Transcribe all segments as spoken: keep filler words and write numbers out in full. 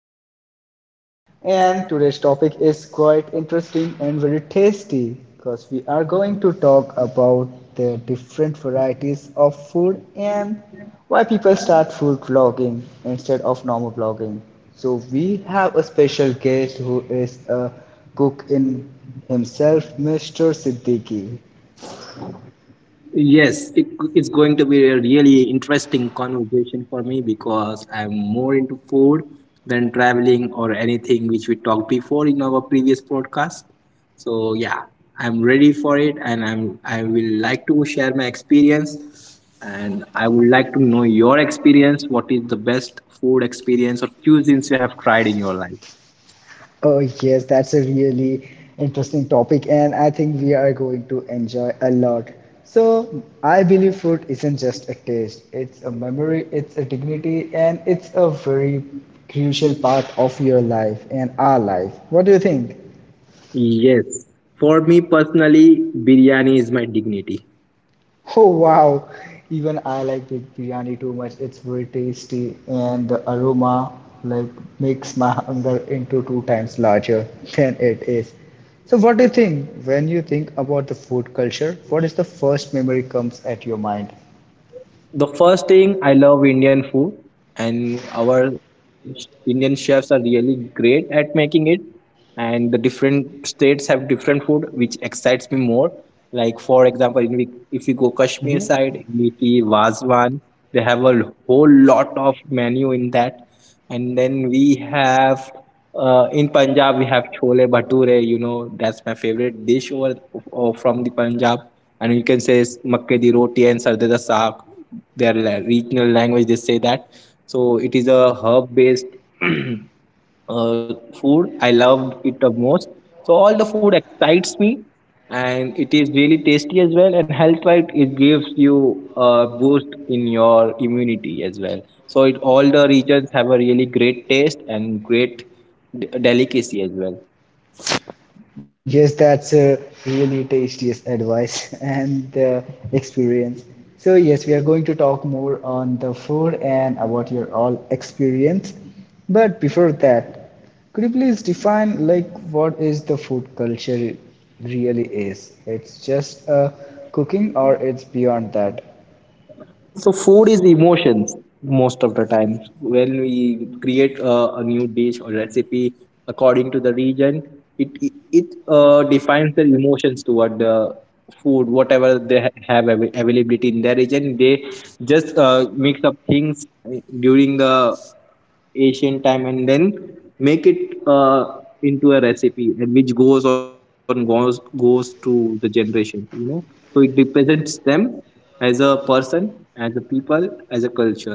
podcast. And today's topic is quite interesting and very tasty because we are going to talk about the different varieties of food and why people start food vlogging instead of normal vlogging. So, we have a special guest who is a cook in himself, Mister Siddiqui. Yes, it, it's going to be a really interesting conversation for me because I'm more into food than traveling or anything which we talked before in our previous podcast. So yeah, I'm ready for it, and I'm I will like to share my experience, and I would like to know your experience. What is the best food experience or cuisines you have tried in your life? Oh, yes, that's a really interesting topic, and I think we are going to enjoy a lot. So, I believe food isn't just a taste, it's a memory, it's a dignity, and it's a very crucial part of your life and our life. What do you think? Yes, for me personally, biryani is my dignity. Oh wow, even I like big biryani too much. It's very tasty and the aroma like makes my hunger into two times larger than it is. So what do you think when you think about the food culture? What is the first memory comes at your mind? The first thing, I love Indian food, and our Indian chefs are really great at making it. And the different states have different food, which excites me more. Like for example, in we, if we go Kashmir side, we see Vazwan. They have a whole lot of menu in that, and then we have uh, in Punjab, we have chole bhature. You know, that's my favorite dish over, or from the Punjab. And you can say s- makke di roti and sarde da saag. Their la- regional language, they say that. So it is a herb-based uh, food. I love it the most. So all the food excites me, and it is really tasty as well, and health wise it gives you a boost in your immunity as well. So it, all the regions have a really great taste and great d- delicacy as well. Yes, that's a really tastiest advice and uh, experience. So yes, we are going to talk more on the food and about your all experience. But before that, could you please define like what is the food culture really is? It's just uh, cooking or it's beyond that? So food is emotions most of the time. When we create a, a new dish or recipe according to the region, it it it, uh, defines their emotions toward the food, whatever they ha- have av- availability in their region. They just uh, mix up things during the Asian time, and then make it uh, into a recipe, and which goes on goes goes to the generation, you know. So it represents them as a person, as a people, as a culture.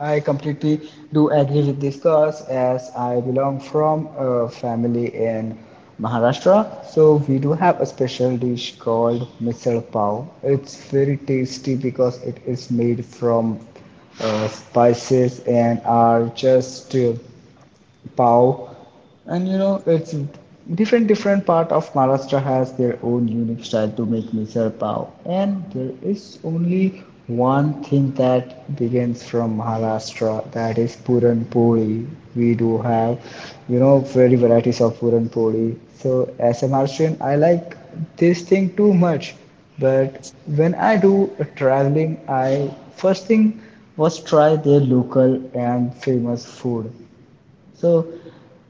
I completely do agree with this cause as I belong from a family in Maharashtra. So we do have a special dish called misal pav. It's very tasty because it is made from uh, spices and are just uh, pav, and you know it's different different part of Maharashtra has their own unique style to make misal pav, and there is only one thing that begins from Maharashtra that is puran poli. We do have you know very varieties of puran poli. So as a Maharashtrian, I like this thing too much, but when I do a traveling, I first thing was try their local and famous food. So,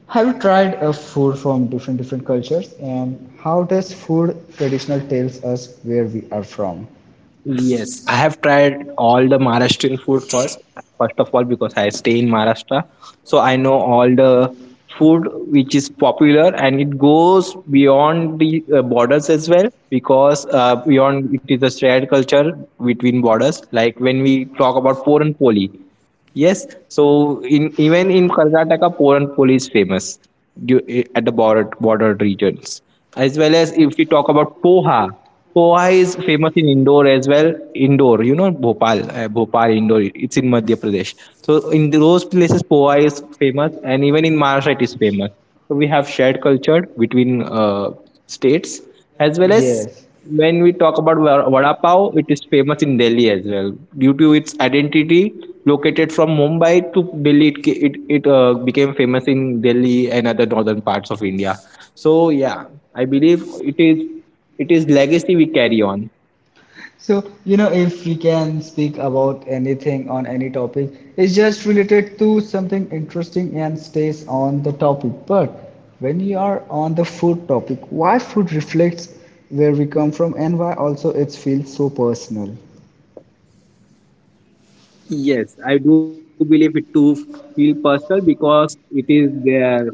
have you tried a food from different different cultures, and how does food traditional tells us where we are from? Yes, I have tried all the Maharashtrian food first. First of all, because I stay in Maharashtra, so I know all the food which is popular, and it goes beyond the uh, borders as well. Because uh, beyond, it is a shared culture between borders. Like when we talk about Puran Poli, yes, so in even in Karnataka, Puran Poli is famous du- i- at the border border regions. As well as if we talk about poha, poha is famous in Indore as well. Indore, you know, Bhopal, uh, Bhopal, Indore. It's in Madhya Pradesh. So in those places, poha is famous, and even in Maharashtra, it is famous. So we have shared culture between uh, states, as well as Yes. when we talk about va- vada pav, it is famous in Delhi as well due to its identity. Located from Mumbai to Delhi, it ca- it, it uh, became famous in Delhi and other northern parts of India. So yeah, I believe it is it is legacy we carry on. So, you know, if we can speak about anything on any topic, it's just related to something interesting and stays on the topic. But when you are on the food topic, why food reflects where we come from and why also it feels so personal? Yes, I do believe it to feel personal because it is their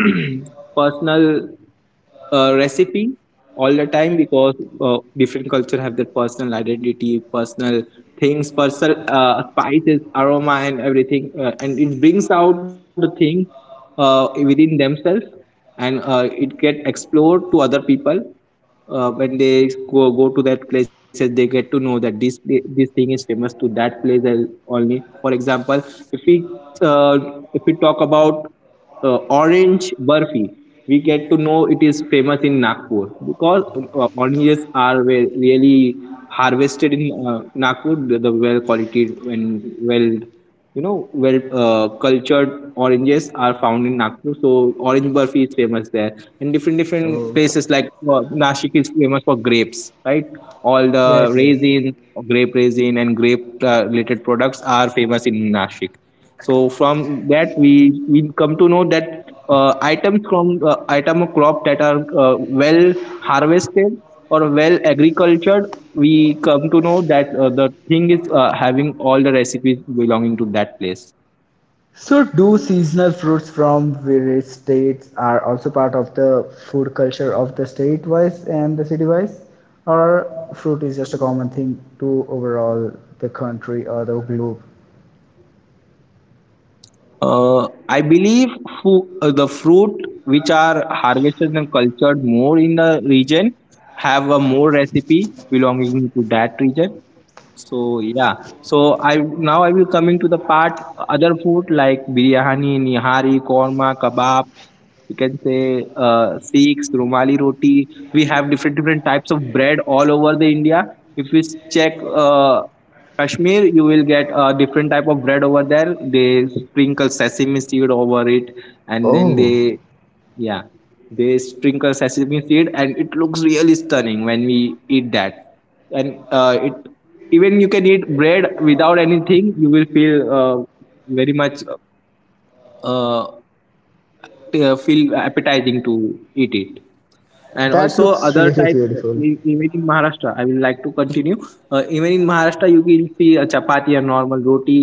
personal uh, recipe all the time, because uh, different culture have their personal identity, personal things, personal uh, spices, aroma, and everything, uh, and it brings out the thing uh, within themselves, and uh, it get explored to other people uh, when they go, go to that places, they get to know that this this thing is famous to that place. Al- only for example, if we uh, if we talk about uh, orange burfi, we get to know it is famous in Nagpur, because uh, oranges are ve- really harvested in uh, Nagpur, the, the well quality and well, you know, where uh, cultured oranges are found in Nagpur, so orange burfi is famous there. And different different Oh, places like uh, Nashik is famous for grapes, right? All the yes, yes. raisin, grape raisin, and grape uh, related products are famous in Nashik. So from that, we we come to know that uh, items from uh, item of crop that are uh, well harvested or well agricultured, we come to know that uh, the thing is uh, having all the recipes belonging to that place. So, do seasonal fruits from various states are also part of the food culture of the state wise and the city wise, or fruit is just a common thing to overall the country or the globe? Uh, I believe fu- uh, the fruit which are harvested and cultured more in the region have a more recipe belonging to that region. So yeah, so I now I will coming to the part, other food like biryani, nihari, korma, kebab. You can say uh, Sikhs, Rumali roti. We have different different types of bread all over the India. If we check uh, Kashmir, you will get a different type of bread over there. They sprinkle sesame seed over it, and then Oh, they, yeah, they sprinkle sesame seed, and it looks really stunning when we eat that. And uh, it even you can eat bread without anything, you will feel uh, very much uh, t- uh, feel appetizing to eat it. And that also looks other really type, beautiful. e- even in Maharashtra, I will like to continue, uh, even in Maharashtra you will see a chapati and normal roti.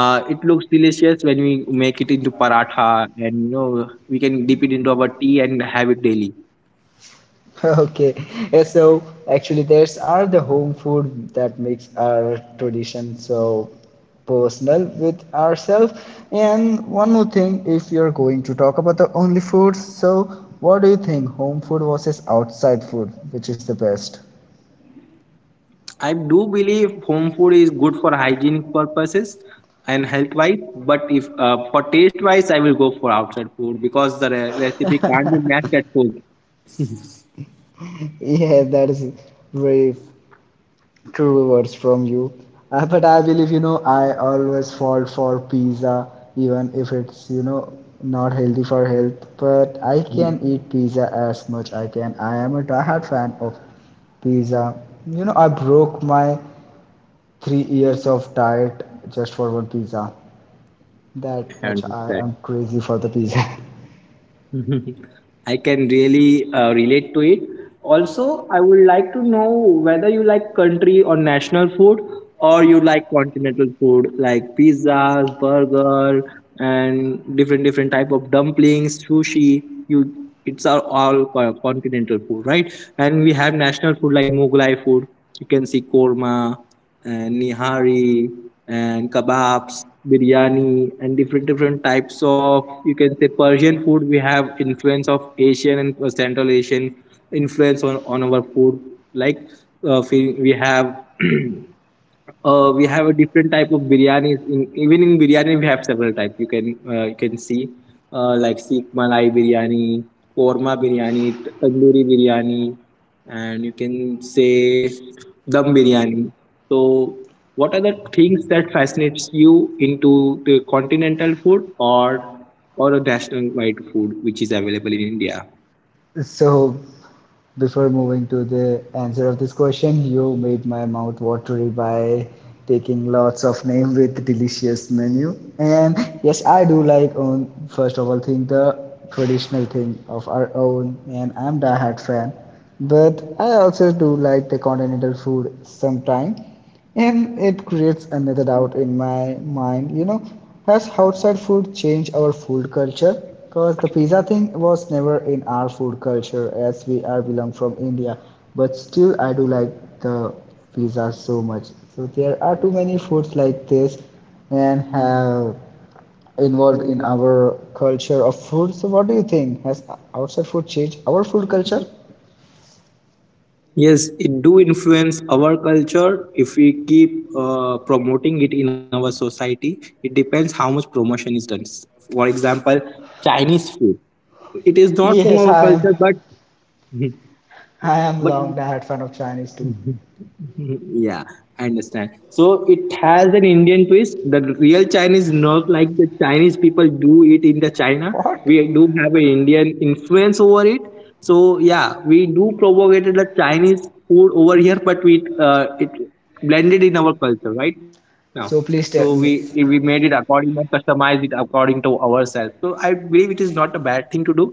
uh, It looks delicious when we make it into paratha, and you know, we can dip it into our tea and have it daily. Okay, yeah, so actually, there's are the home food that makes our tradition so personal with ourselves. And one more thing, if you're going to talk about the only foods, so what do you think, home food versus outside food, which is the best? I do believe home food is good for hygienic purposes and health wise, but if uh, for taste wise, I will go for outside food because the re- recipe can't be matched at home. Yeah, that is very True words from you. Uh, but I believe, you know, I always fall for pizza, even if it's, you know, not healthy for health. But I can eat pizza as much I can. I am a diehard fan of pizza. You know, I broke my three years of diet just for one pizza. That I much I understand. am crazy for the pizza. I can really uh, relate to it. Also, I would like to know whether you like country or national food, or you like continental food like pizzas, burger, and different different type of dumplings, sushi. You, it's are all co- continental food, right? And we have national food like Mughlai food. You can see korma and nihari and kebabs, biryani, and different different types of, you can say, Persian food. We have influence of Asian and Central Asian influence on, on our food. Like uh, we we have Uh, we have a different type of biryanis. In, even in biryani, we have several types. You can uh, you can see uh, like Sikh Malai biryani, korma biryani, tandoori biryani, and you can say dum biryani. So, what are the things that fascinates you into the continental food, or or a national wide food which is available in India? So Before moving to the answer of this question, you made my mouth watery by taking lots of name with delicious menu. And yes, I do like on first of all thing the traditional thing of our own, and I'm diehard fan. But I also do like the continental food sometime. And it creates another doubt in my mind, you know, has outside food changed our food culture? Because the pizza thing was never in our food culture as we are belong from India, but still I do like the pizza so much. So there are too many foods like this and have involved in our culture of food. So what do you think? Has outside food changed our food culture? Yes, it do influence our culture if we keep uh, promoting it in our society. It depends how much promotion is done. For example, Chinese food. It is not from Yes, our I am. culture, but I am but long diehard fan of Chinese too. Mhm. Yeah, I understand. So it has an Indian twist. The real Chinese, not like the Chinese people do it in the China. What? We do have an Indian influence over it. So yeah, we do propagate the Chinese food over here, but we uh, it blended in our culture right now. So So we please tell we me. made it according and customized it according to ourselves. So I believe it is not a bad thing to do.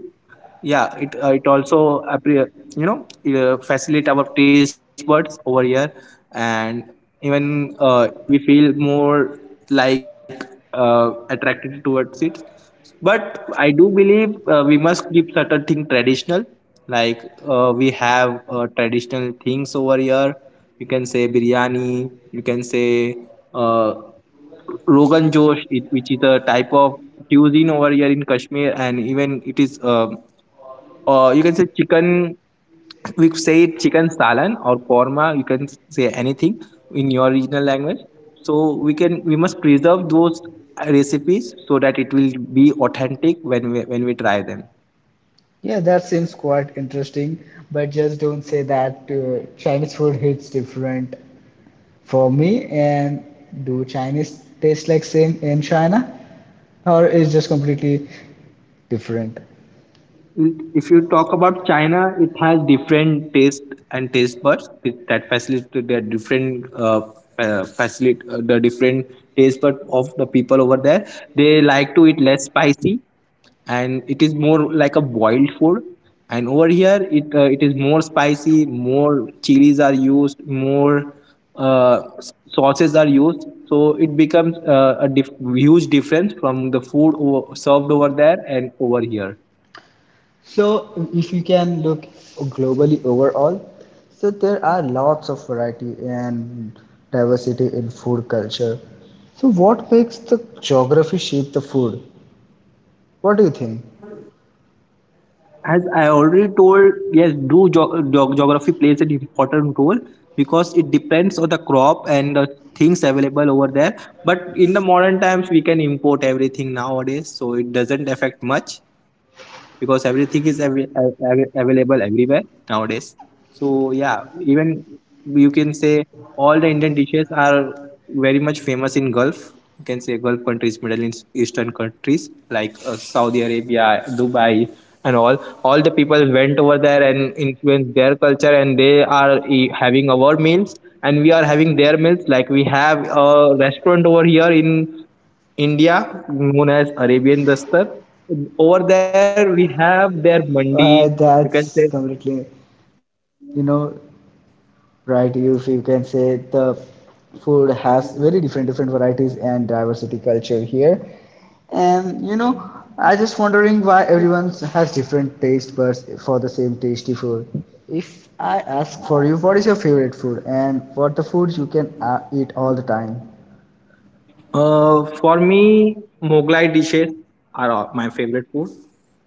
Yeah, it uh, it also appre- you know, uh, facilitate our taste buds over here, and even uh, we feel more like uh, attracted towards it. But I do believe uh, we must keep certain thing traditional. Like uh, we have uh, traditional things over here. You can say biryani, you can say uh, rogan josh, it, which is a type of cuisine over here in Kashmir, and even it is um, or you can say chicken. We say it chicken salan or korma. You can say anything in your regional language. So we can we must preserve those recipes so that it will be authentic when we when we try them. Yeah, that seems quite interesting, but just don't say that uh, Chinese food hits different for me. And do Chinese taste like same in China, or is just completely different? If you talk about China, it has different taste and taste buds that that facilitate their different uh, uh, facilitate uh, the different taste bud of the people over there. They like to eat less spicy, and it is more like a boiled food. And over here, it uh, it is more spicy. More chilies are used. More uh, s- sauces are used. So it becomes uh, a dif- huge difference from the food o- served over there and over here. So if you can look globally overall, so there are lots of variety and diversity in food culture. So what makes the geography shape the food? What do you think? As I already told, yes, do geog- geog- geography plays an important role, because it depends on the crop and the things available over there. But in the modern times, we can import everything nowadays, so it doesn't affect much, because everything is av- av- av- available everywhere nowadays. So yeah, even you can say all the Indian dishes are very much famous in Gulf. You can say Gulf countries, Middle East- Eastern countries like uh, Saudi Arabia, Dubai, and all. All the people went over there and influenced their culture, and they are e- having our meals, and we are having their meals. Like we have a restaurant over here in India, known as Arabian Dastar. Over there, we have their mandi. Uh, You can say, That's completely, you know, right. You, if you can say the food has very different different varieties and diversity culture here. And you know, I just wondering why everyone has different taste buds for the same tasty food. If I ask for you, what is your favorite food and what the food you can uh, eat all the time? Uh, for me, Moglai dishes are all- my favorite food.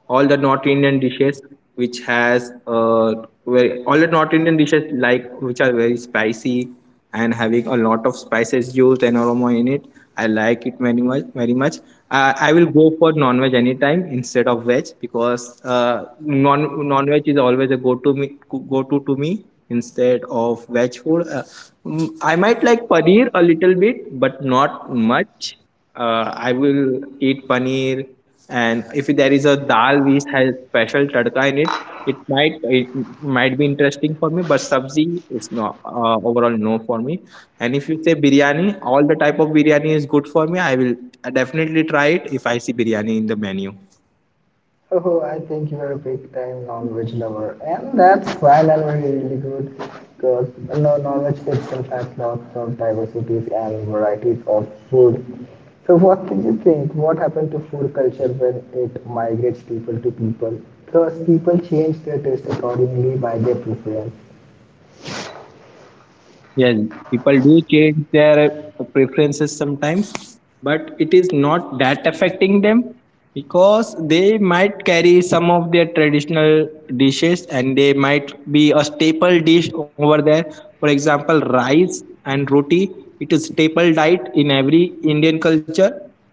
All the North Indian dishes, which has uh, very, all the North Indian dishes like which are very spicy and having a lot of spices used and aroma in it. I like it very much, very much uh, I will go for non-veg anytime instead of veg because uh, non non-veg is always a go-to me, go-to to me instead of veg food. Uh, mm, I might like paneer a little bit, but not much. Uh, I will eat paneer. And if there is a dal which has special tadka in it, it might it might be interesting for me, but sabzi is not uh, overall no for me. And if you say biryani, all the type of biryani is good for me. I will definitely try it if I see biryani in the menu. Oh, I think you're a big time non-veg lover, and that's fine and very really good because no non-veg itself has lots of diversities and varieties of food. So, what do you think? What happened to food culture when it migrates people to people? Because people change their taste accordingly by their preference. Yes, people do change their preferences sometimes, but it is not that affecting them because they might carry some of their traditional dishes and they might be a staple dish over there. For example, rice and roti, it is staple diet in every Indian culture.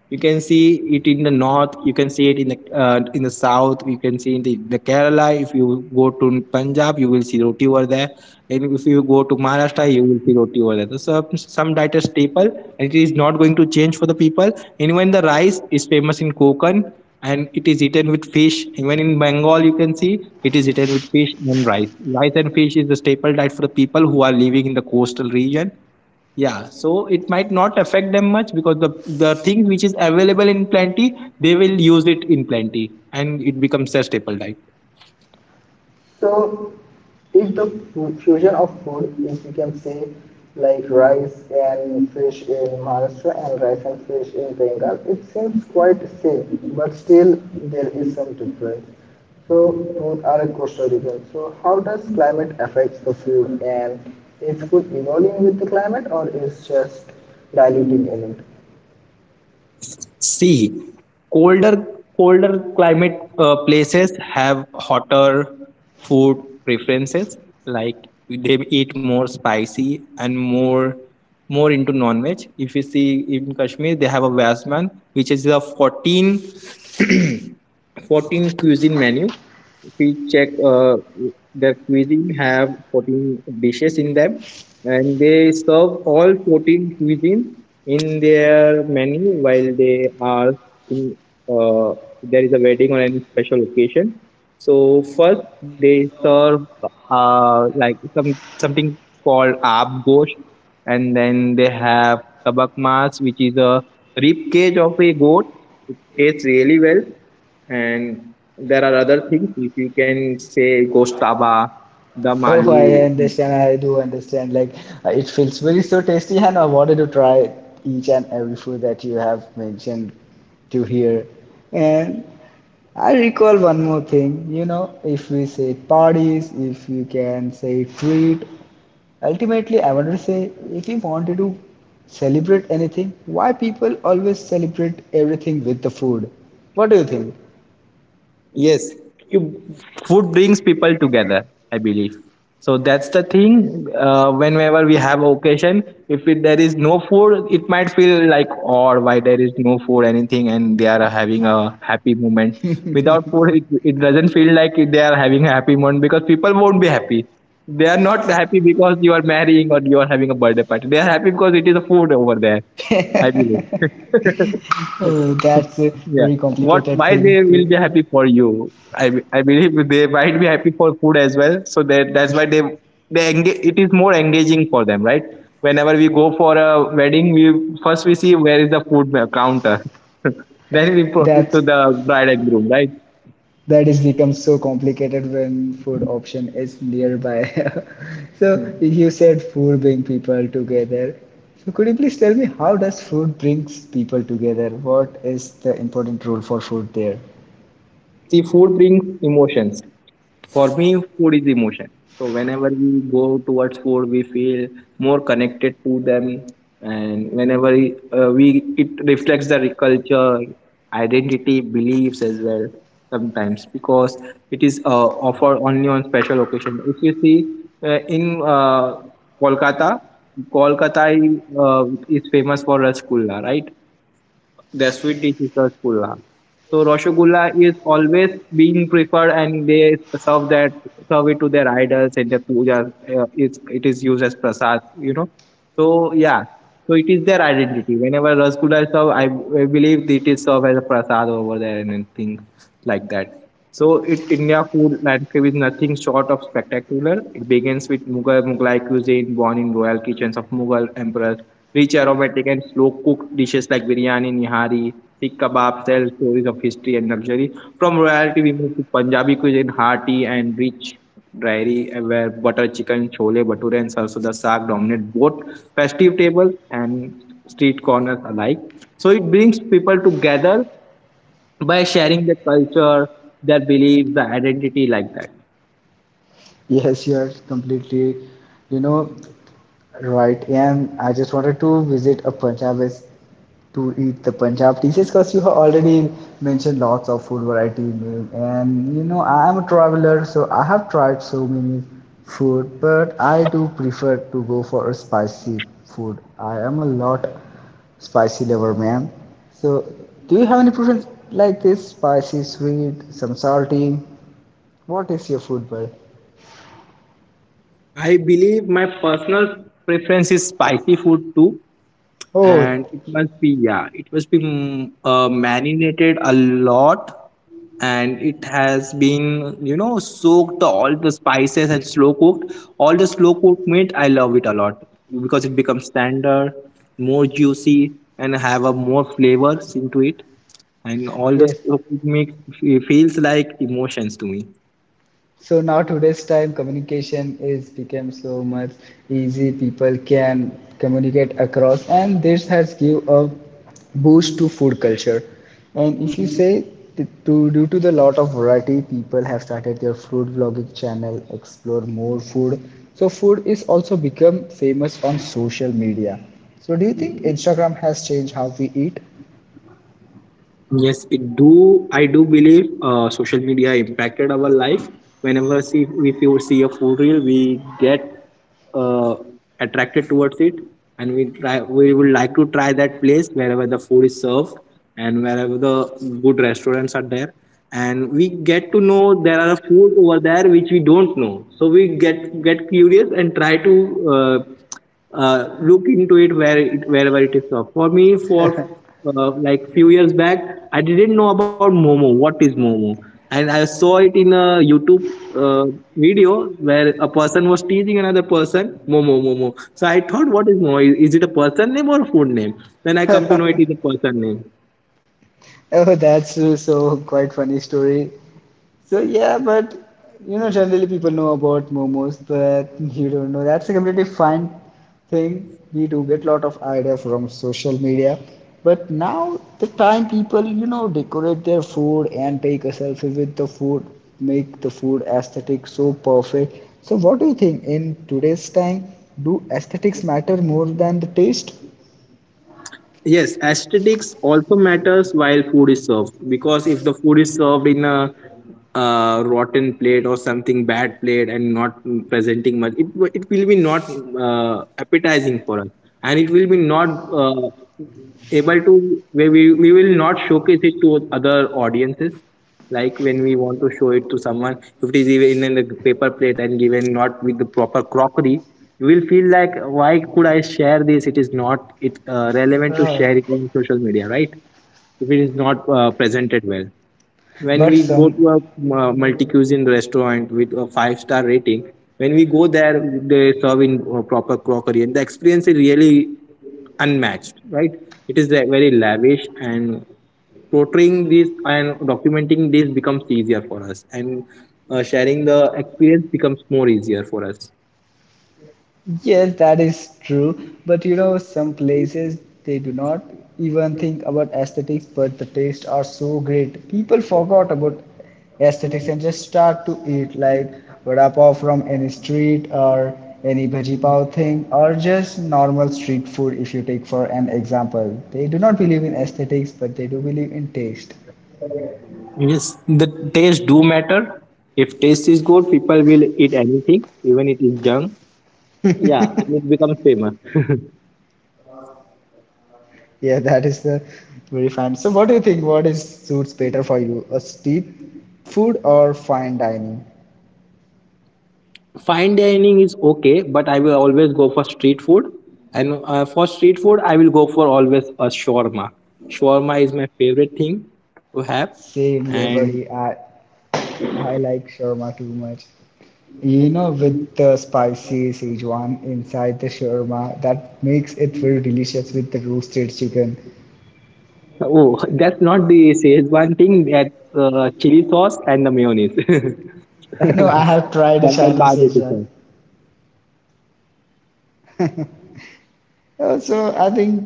You can see it in the north, you can see it in the uh, in the south, you can see in the, the Kerala. If you go to Punjab, you will see roti over there, and if you go to Maharashtra, you will see roti over there. So some, some diet is staple and it is not going to change for the people. And even the rice is famous in Konkan and it is eaten with fish. Even in Bengal you can see it is eaten with fish and rice. Rice and fish is the staple diet for the people who are living in the coastal region. Yeah, so it might not affect them much because the the thing which is available in plenty, they will use it in plenty, and it becomes their staple diet. So if the fusion of food, if you can say like rice and fish in Maharashtra and rice and fish in Bengal, it seems quite same, but still there is some difference. So both are coastal regions. So how does climate affects the food and is food evolving with the climate or is just diluting in it? See, colder colder climate uh, places have hotter food preferences. Like, they eat more spicy and more more into non-veg. If you see, in Kashmir they have a vasman which is a fourteen fourteen cuisine menu. If we check uh, their cuisine have fourteen dishes in them, and they serve all fourteen cuisines in their menu while they are in uh, there is a wedding or any special occasion. So first they serve, uh, like, some something called aap gosh, and then they have kabak mas, which is a rib cage of a goat. It tastes really well. And there are other things, if you can say, Gostaba, the Oh, I Malu. understand. I do understand. Like, uh, it feels very so tasty, and I wanted to try each and every food that you have mentioned to here. And I recall one more thing. You know, if we say parties, if you can say treat, ultimately, I want to say if you wanted to celebrate anything, why people always celebrate everything with the food? What do you think? Yes, you, food brings people together, I believe. So that's the thing. Uh, whenever we have occasion, if it, there is no food, it might feel like odd, why there is no food anything and they are having a happy moment. Without food, it, it doesn't feel like they are having a happy moment because people won't be happy. They are not happy because you are marrying or you are having a birthday party. They are happy because it is a food over there, I believe. Oh, that's a Yeah. very What? complicated Why thing they will to. be happy for you? I be- I believe they might be happy for food as well. So that that's why they they engage. It is more engaging for them, right? Whenever we go for a wedding, we first we see where is the food ma- counter, then we proceed That's to the bride and groom, right? that is becomes so complicated when food option is nearby. So you said food bring people together. So could you please tell me how does food brings people together? What is the important role for food there? See, food brings emotions. For me, food is emotion. So whenever we go towards food, we feel more connected to them. And whenever uh, we, it reflects the culture, identity, beliefs as well sometimes, because it is uh, offered only on special occasion. If you see uh, in uh, Kolkata, Kolkata is uh, is famous for rasgulla, right? Their sweet dish is Rasgulla. So Rasgulla is always being preferred, and they serve that serve it to their idols and their pujas. Uh, it's it is used as prasad, you know. So yeah, so it is their identity. Whenever Rasgulla is served, I, I believe it is served as a prasad over there, and then things like that. So it, India food landscape is nothing short of spectacular. It begins with Mughal Mughlai cuisine, born in royal kitchens of Mughal emperors. Rich, aromatic, and slow cooked dishes like biryani, nihari, sikh kebab tell stories of history and luxury. From royalty, we move to Punjabi cuisine, hearty and rich dairy, where butter chicken, chole, bhature, and sarsoda saag dominate both festive table and street corners alike. So it brings people together by sharing their culture, their beliefs, their identity, like that. Yes, you are completely, you know, right. And I just wanted to visit a Punjab is to eat the Punjab dishes because you have already mentioned lots of food variety meal. And you know, I am a traveler, so I have tried so many food, but I do prefer to go for a spicy food. I am a lot spicy lover, man. So, do you have any preference like this? Spicy, sweet, some salty? What is your food, bud? I believe my personal preference is spicy food too, Oh, and it must be, yeah, it must be mm, uh, marinated a lot, and it has been, you know, soaked all the spices and slow cooked. All the slow cooked meat, I love it a lot because it becomes tender, more juicy, and have a more flavors into it. And all the yes. slow cooked meat f- feels like emotions to me. So now today's time communication is become so much easy. People can communicate across, and this has give a boost to food culture. And if you say t- to due to the lot of variety, people have started their food vlogging channel, explore more food. So food is also become famous on social media. So do you think Instagram has changed how we eat? Yes, it do. I do believe uh, social media impacted our life. Whenever see, if you see a food reel, we get uh, attracted towards it, and we try. We would like to try that place wherever the food is served, and wherever the good restaurants are there. And we get to know there are food over there which we don't know. So we get get curious and try to. Uh, uh, look into it where it, wherever it is up. For me, for uh, like few years back, I didn't know about Momo. What is Momo? And I saw it in a YouTube uh, video where a person was teasing another person Momo Momo. So I thought, what is Momo? Is, is it a person name or a food name? Then I come to know it is a person name. Oh, that's uh, so quite funny story. So yeah, but you know, generally people know about momos, but you don't know. That's a completely fine thing. We do get a lot of idea from social media, but now the time people you know decorate their food and take a selfie with the food, make the food aesthetic so perfect. So what do you think in today's time? Do aesthetics matter more than the taste? Yes, aesthetics also matters while food is served, because if the food is served in a uh, rotten plate or something bad plate and not presenting much, it w- it will be not uh, appetizing for us, and it will be not uh, able to we, we we will not showcase it to other audiences. Like, when we want to show it to someone, if it is even in the paper plate and given not with the proper crockery, you will feel like, why could I share this? It is not it uh, relevant to share Oh, it on social media, right? If it is not uh, presented well, when but we go some to a uh, multi-cuisine restaurant with a five-star rating, when we go there, they serve in uh, proper crockery, and the experience is really unmatched, right? It is like very lavish, and portraying this and documenting this becomes easier for us, and uh, sharing the experience becomes more easier for us. Yes, that is true. But you know, some places they do not even think about aesthetics, but the tastes are so great. People forgot about aesthetics and just start to eat like vada pav from any street or any bhaji pav thing or just normal street food if you take for an example. They do not believe in aesthetics, but they do believe in taste. Yes, the taste do matter. If taste is good, people will eat anything, even it is junk. Yeah, and it becomes famous. Yeah, that is the very fine. So what do you think? What is suits better for you? A street food or fine dining? Fine dining is okay, but I will always go for street food. And uh, for street food, I will go for always a shawarma. Shawarma is my favorite thing to have. Save your And body. I I like shawarma too much. You know, with the spicy Szechuan inside the shawarma, that makes it very delicious with the roasted chicken. oh, that's not the Szechuan thing. That's uh, chili sauce and the mayonnaise No, I have tried the from the Chinese barbecue Szechuan. sauce. Uh, So I think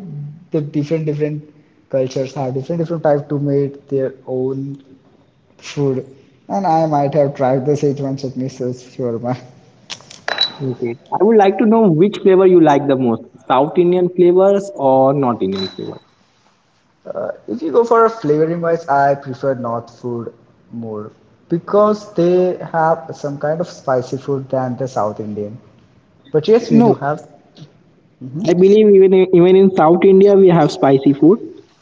the different different cultures have different different type to make their own food, and I might have tried the Szechuan chutney sauce shawarma. Okay, I would like to know which flavor you like the most, South Indian flavors or North Indian flavors? Uh, if you go for flavoring wise, I prefer North food more because they have some kind of spicy food than the South Indian. But yes, we No, do have. Mhm. I believe even in, even in South India we have spicy food.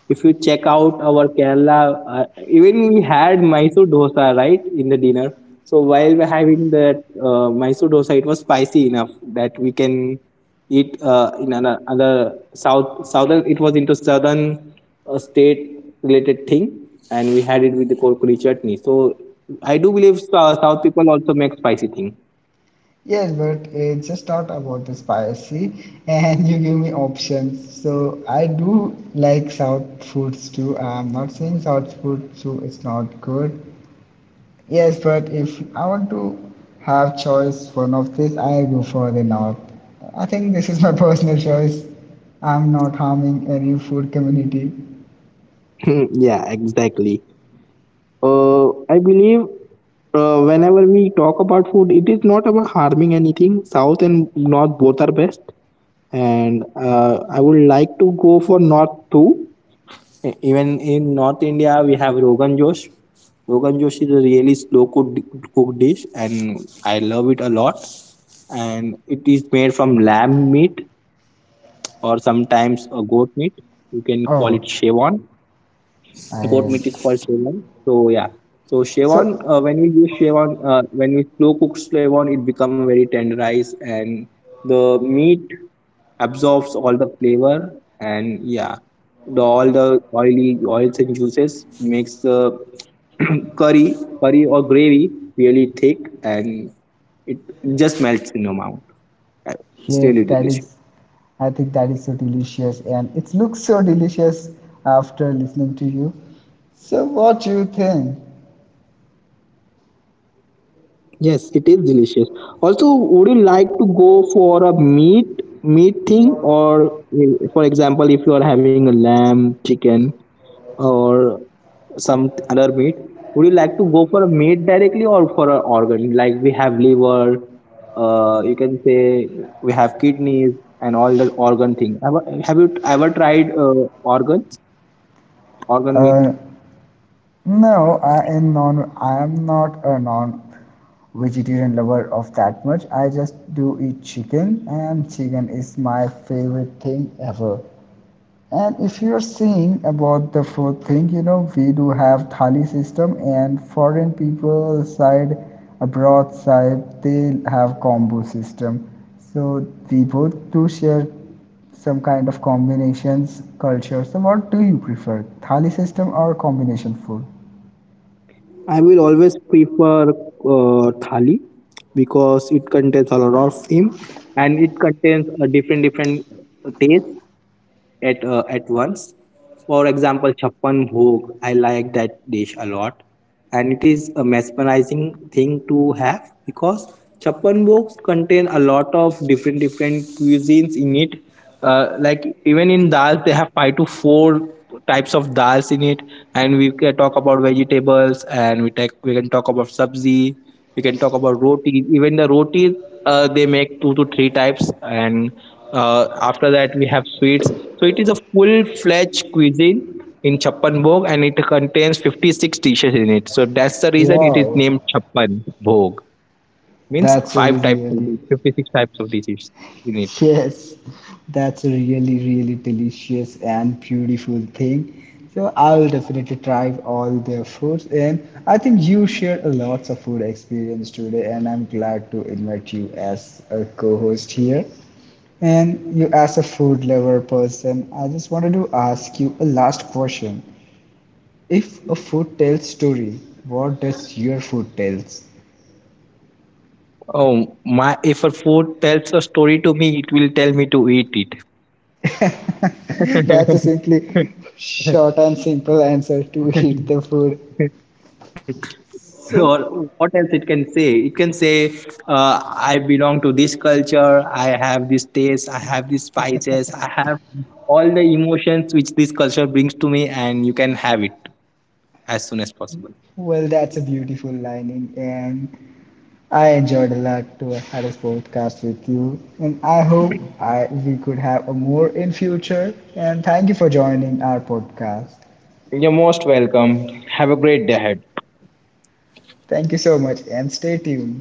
If you check out our Kerala, uh, even we had Mysore dosa right in the dinner. So while we're having that uh, Mysore dosa, it was spicy enough that we can eat uh, in another, another south southern. It was into southern uh, state related thing, and we had it with the kurkuri chutney. So I do believe uh, South people also make spicy thing. Yes, but it's just not about the spicy, and you give me options. So I do like South foods too. I'm not saying South food, so it's not good. Yes, but if I want to have choice for one of this, I go for the north. I think this is my personal choice. I'm not harming any food community. Yeah, exactly. Uh, I believe uh, whenever we talk about food, it is not about harming anything. South and North both are best, and uh, I would like to go for North too. E- Even in North India, we have Rogan Josh. Rogan Josh is a really slow cooked, cooked dish, and I love it a lot. And it is made from lamb meat or sometimes a goat meat. You can call it Oh, Chevron. Goat meat I, is called Szechuan. So yeah, so Szechuan, So uh, when we use Szechuan, uh, when we slow cook Szechuan, it become very tenderized, and the meat absorbs all the flavor. And yeah, the all the oily oils and juices makes the curry curry or gravy really thick, and it just melts in your mouth. Uh, It's yes, really that is. delicious. I think that is so delicious, and it looks so delicious after listening to you. So what do you think? Yes, it is delicious. Also, would you like to go for a meat meat thing or, uh, for example, if you are having a lamb, chicken or some other meat, would you like to go for a meat directly or for an organ? Like, we have liver, uh, you can say we have kidneys and all that organ thing. Have, have you ever tried uh, organ organ meat? Uh, No, I am non. I am not a non-vegetarian lover of that much. I just do eat chicken, and chicken is my favorite thing ever. And if you're saying about the food thing, you know, we do have thali system, and foreign people side, abroad side, they have combo system. So we both do share some kind of combinations culture. So what do you prefer, thali system or combination food? I will always prefer uh, thali because it contains a lot of theme, and it contains a different different taste at uh, at once. For example, chappan bhog. I like that dish a lot, and it is a mesmerizing thing to have because chappan bhogs contain a lot of different different cuisines in it. Uh, like, even in dal, they have five to four types of dals in it, and we can talk about vegetables, and we take we can talk about sabzi, we can talk about rotis. Even the rotis, uh, they make two to three types. And uh, after that we have sweets. So it is a full-fledged cuisine in chappan bhog, and it contains fifty-six dishes in it. So that's the reason it is Wow, named chappan bhog. Means that's a five types of really dishes, fifty-six types of dishes in it. yes, that's a really really delicious and beautiful thing. So I will definitely try all their foods, and I think you shared a lots of food experience today, and I'm glad to invite you as a co-host here. And you, as a food lover person, I just wanted to ask you a last question. If a food tells story, what does your food tells? Oh my, if a food tells a story to me, it will tell me to eat it. That's a simply short and simple answer to eat the food. So, Or what else it can say? It can say, uh, I belong to this culture, I have this taste, I have these spices, I have all the emotions which this culture brings to me, and you can have it as soon as possible. well, that's a beautiful lining, and I enjoyed a lot to have this podcast with you. And I hope I we could have a more in future. And thank you for joining our podcast. You're most welcome. Have a great day ahead. Thank you so much, and stay tuned.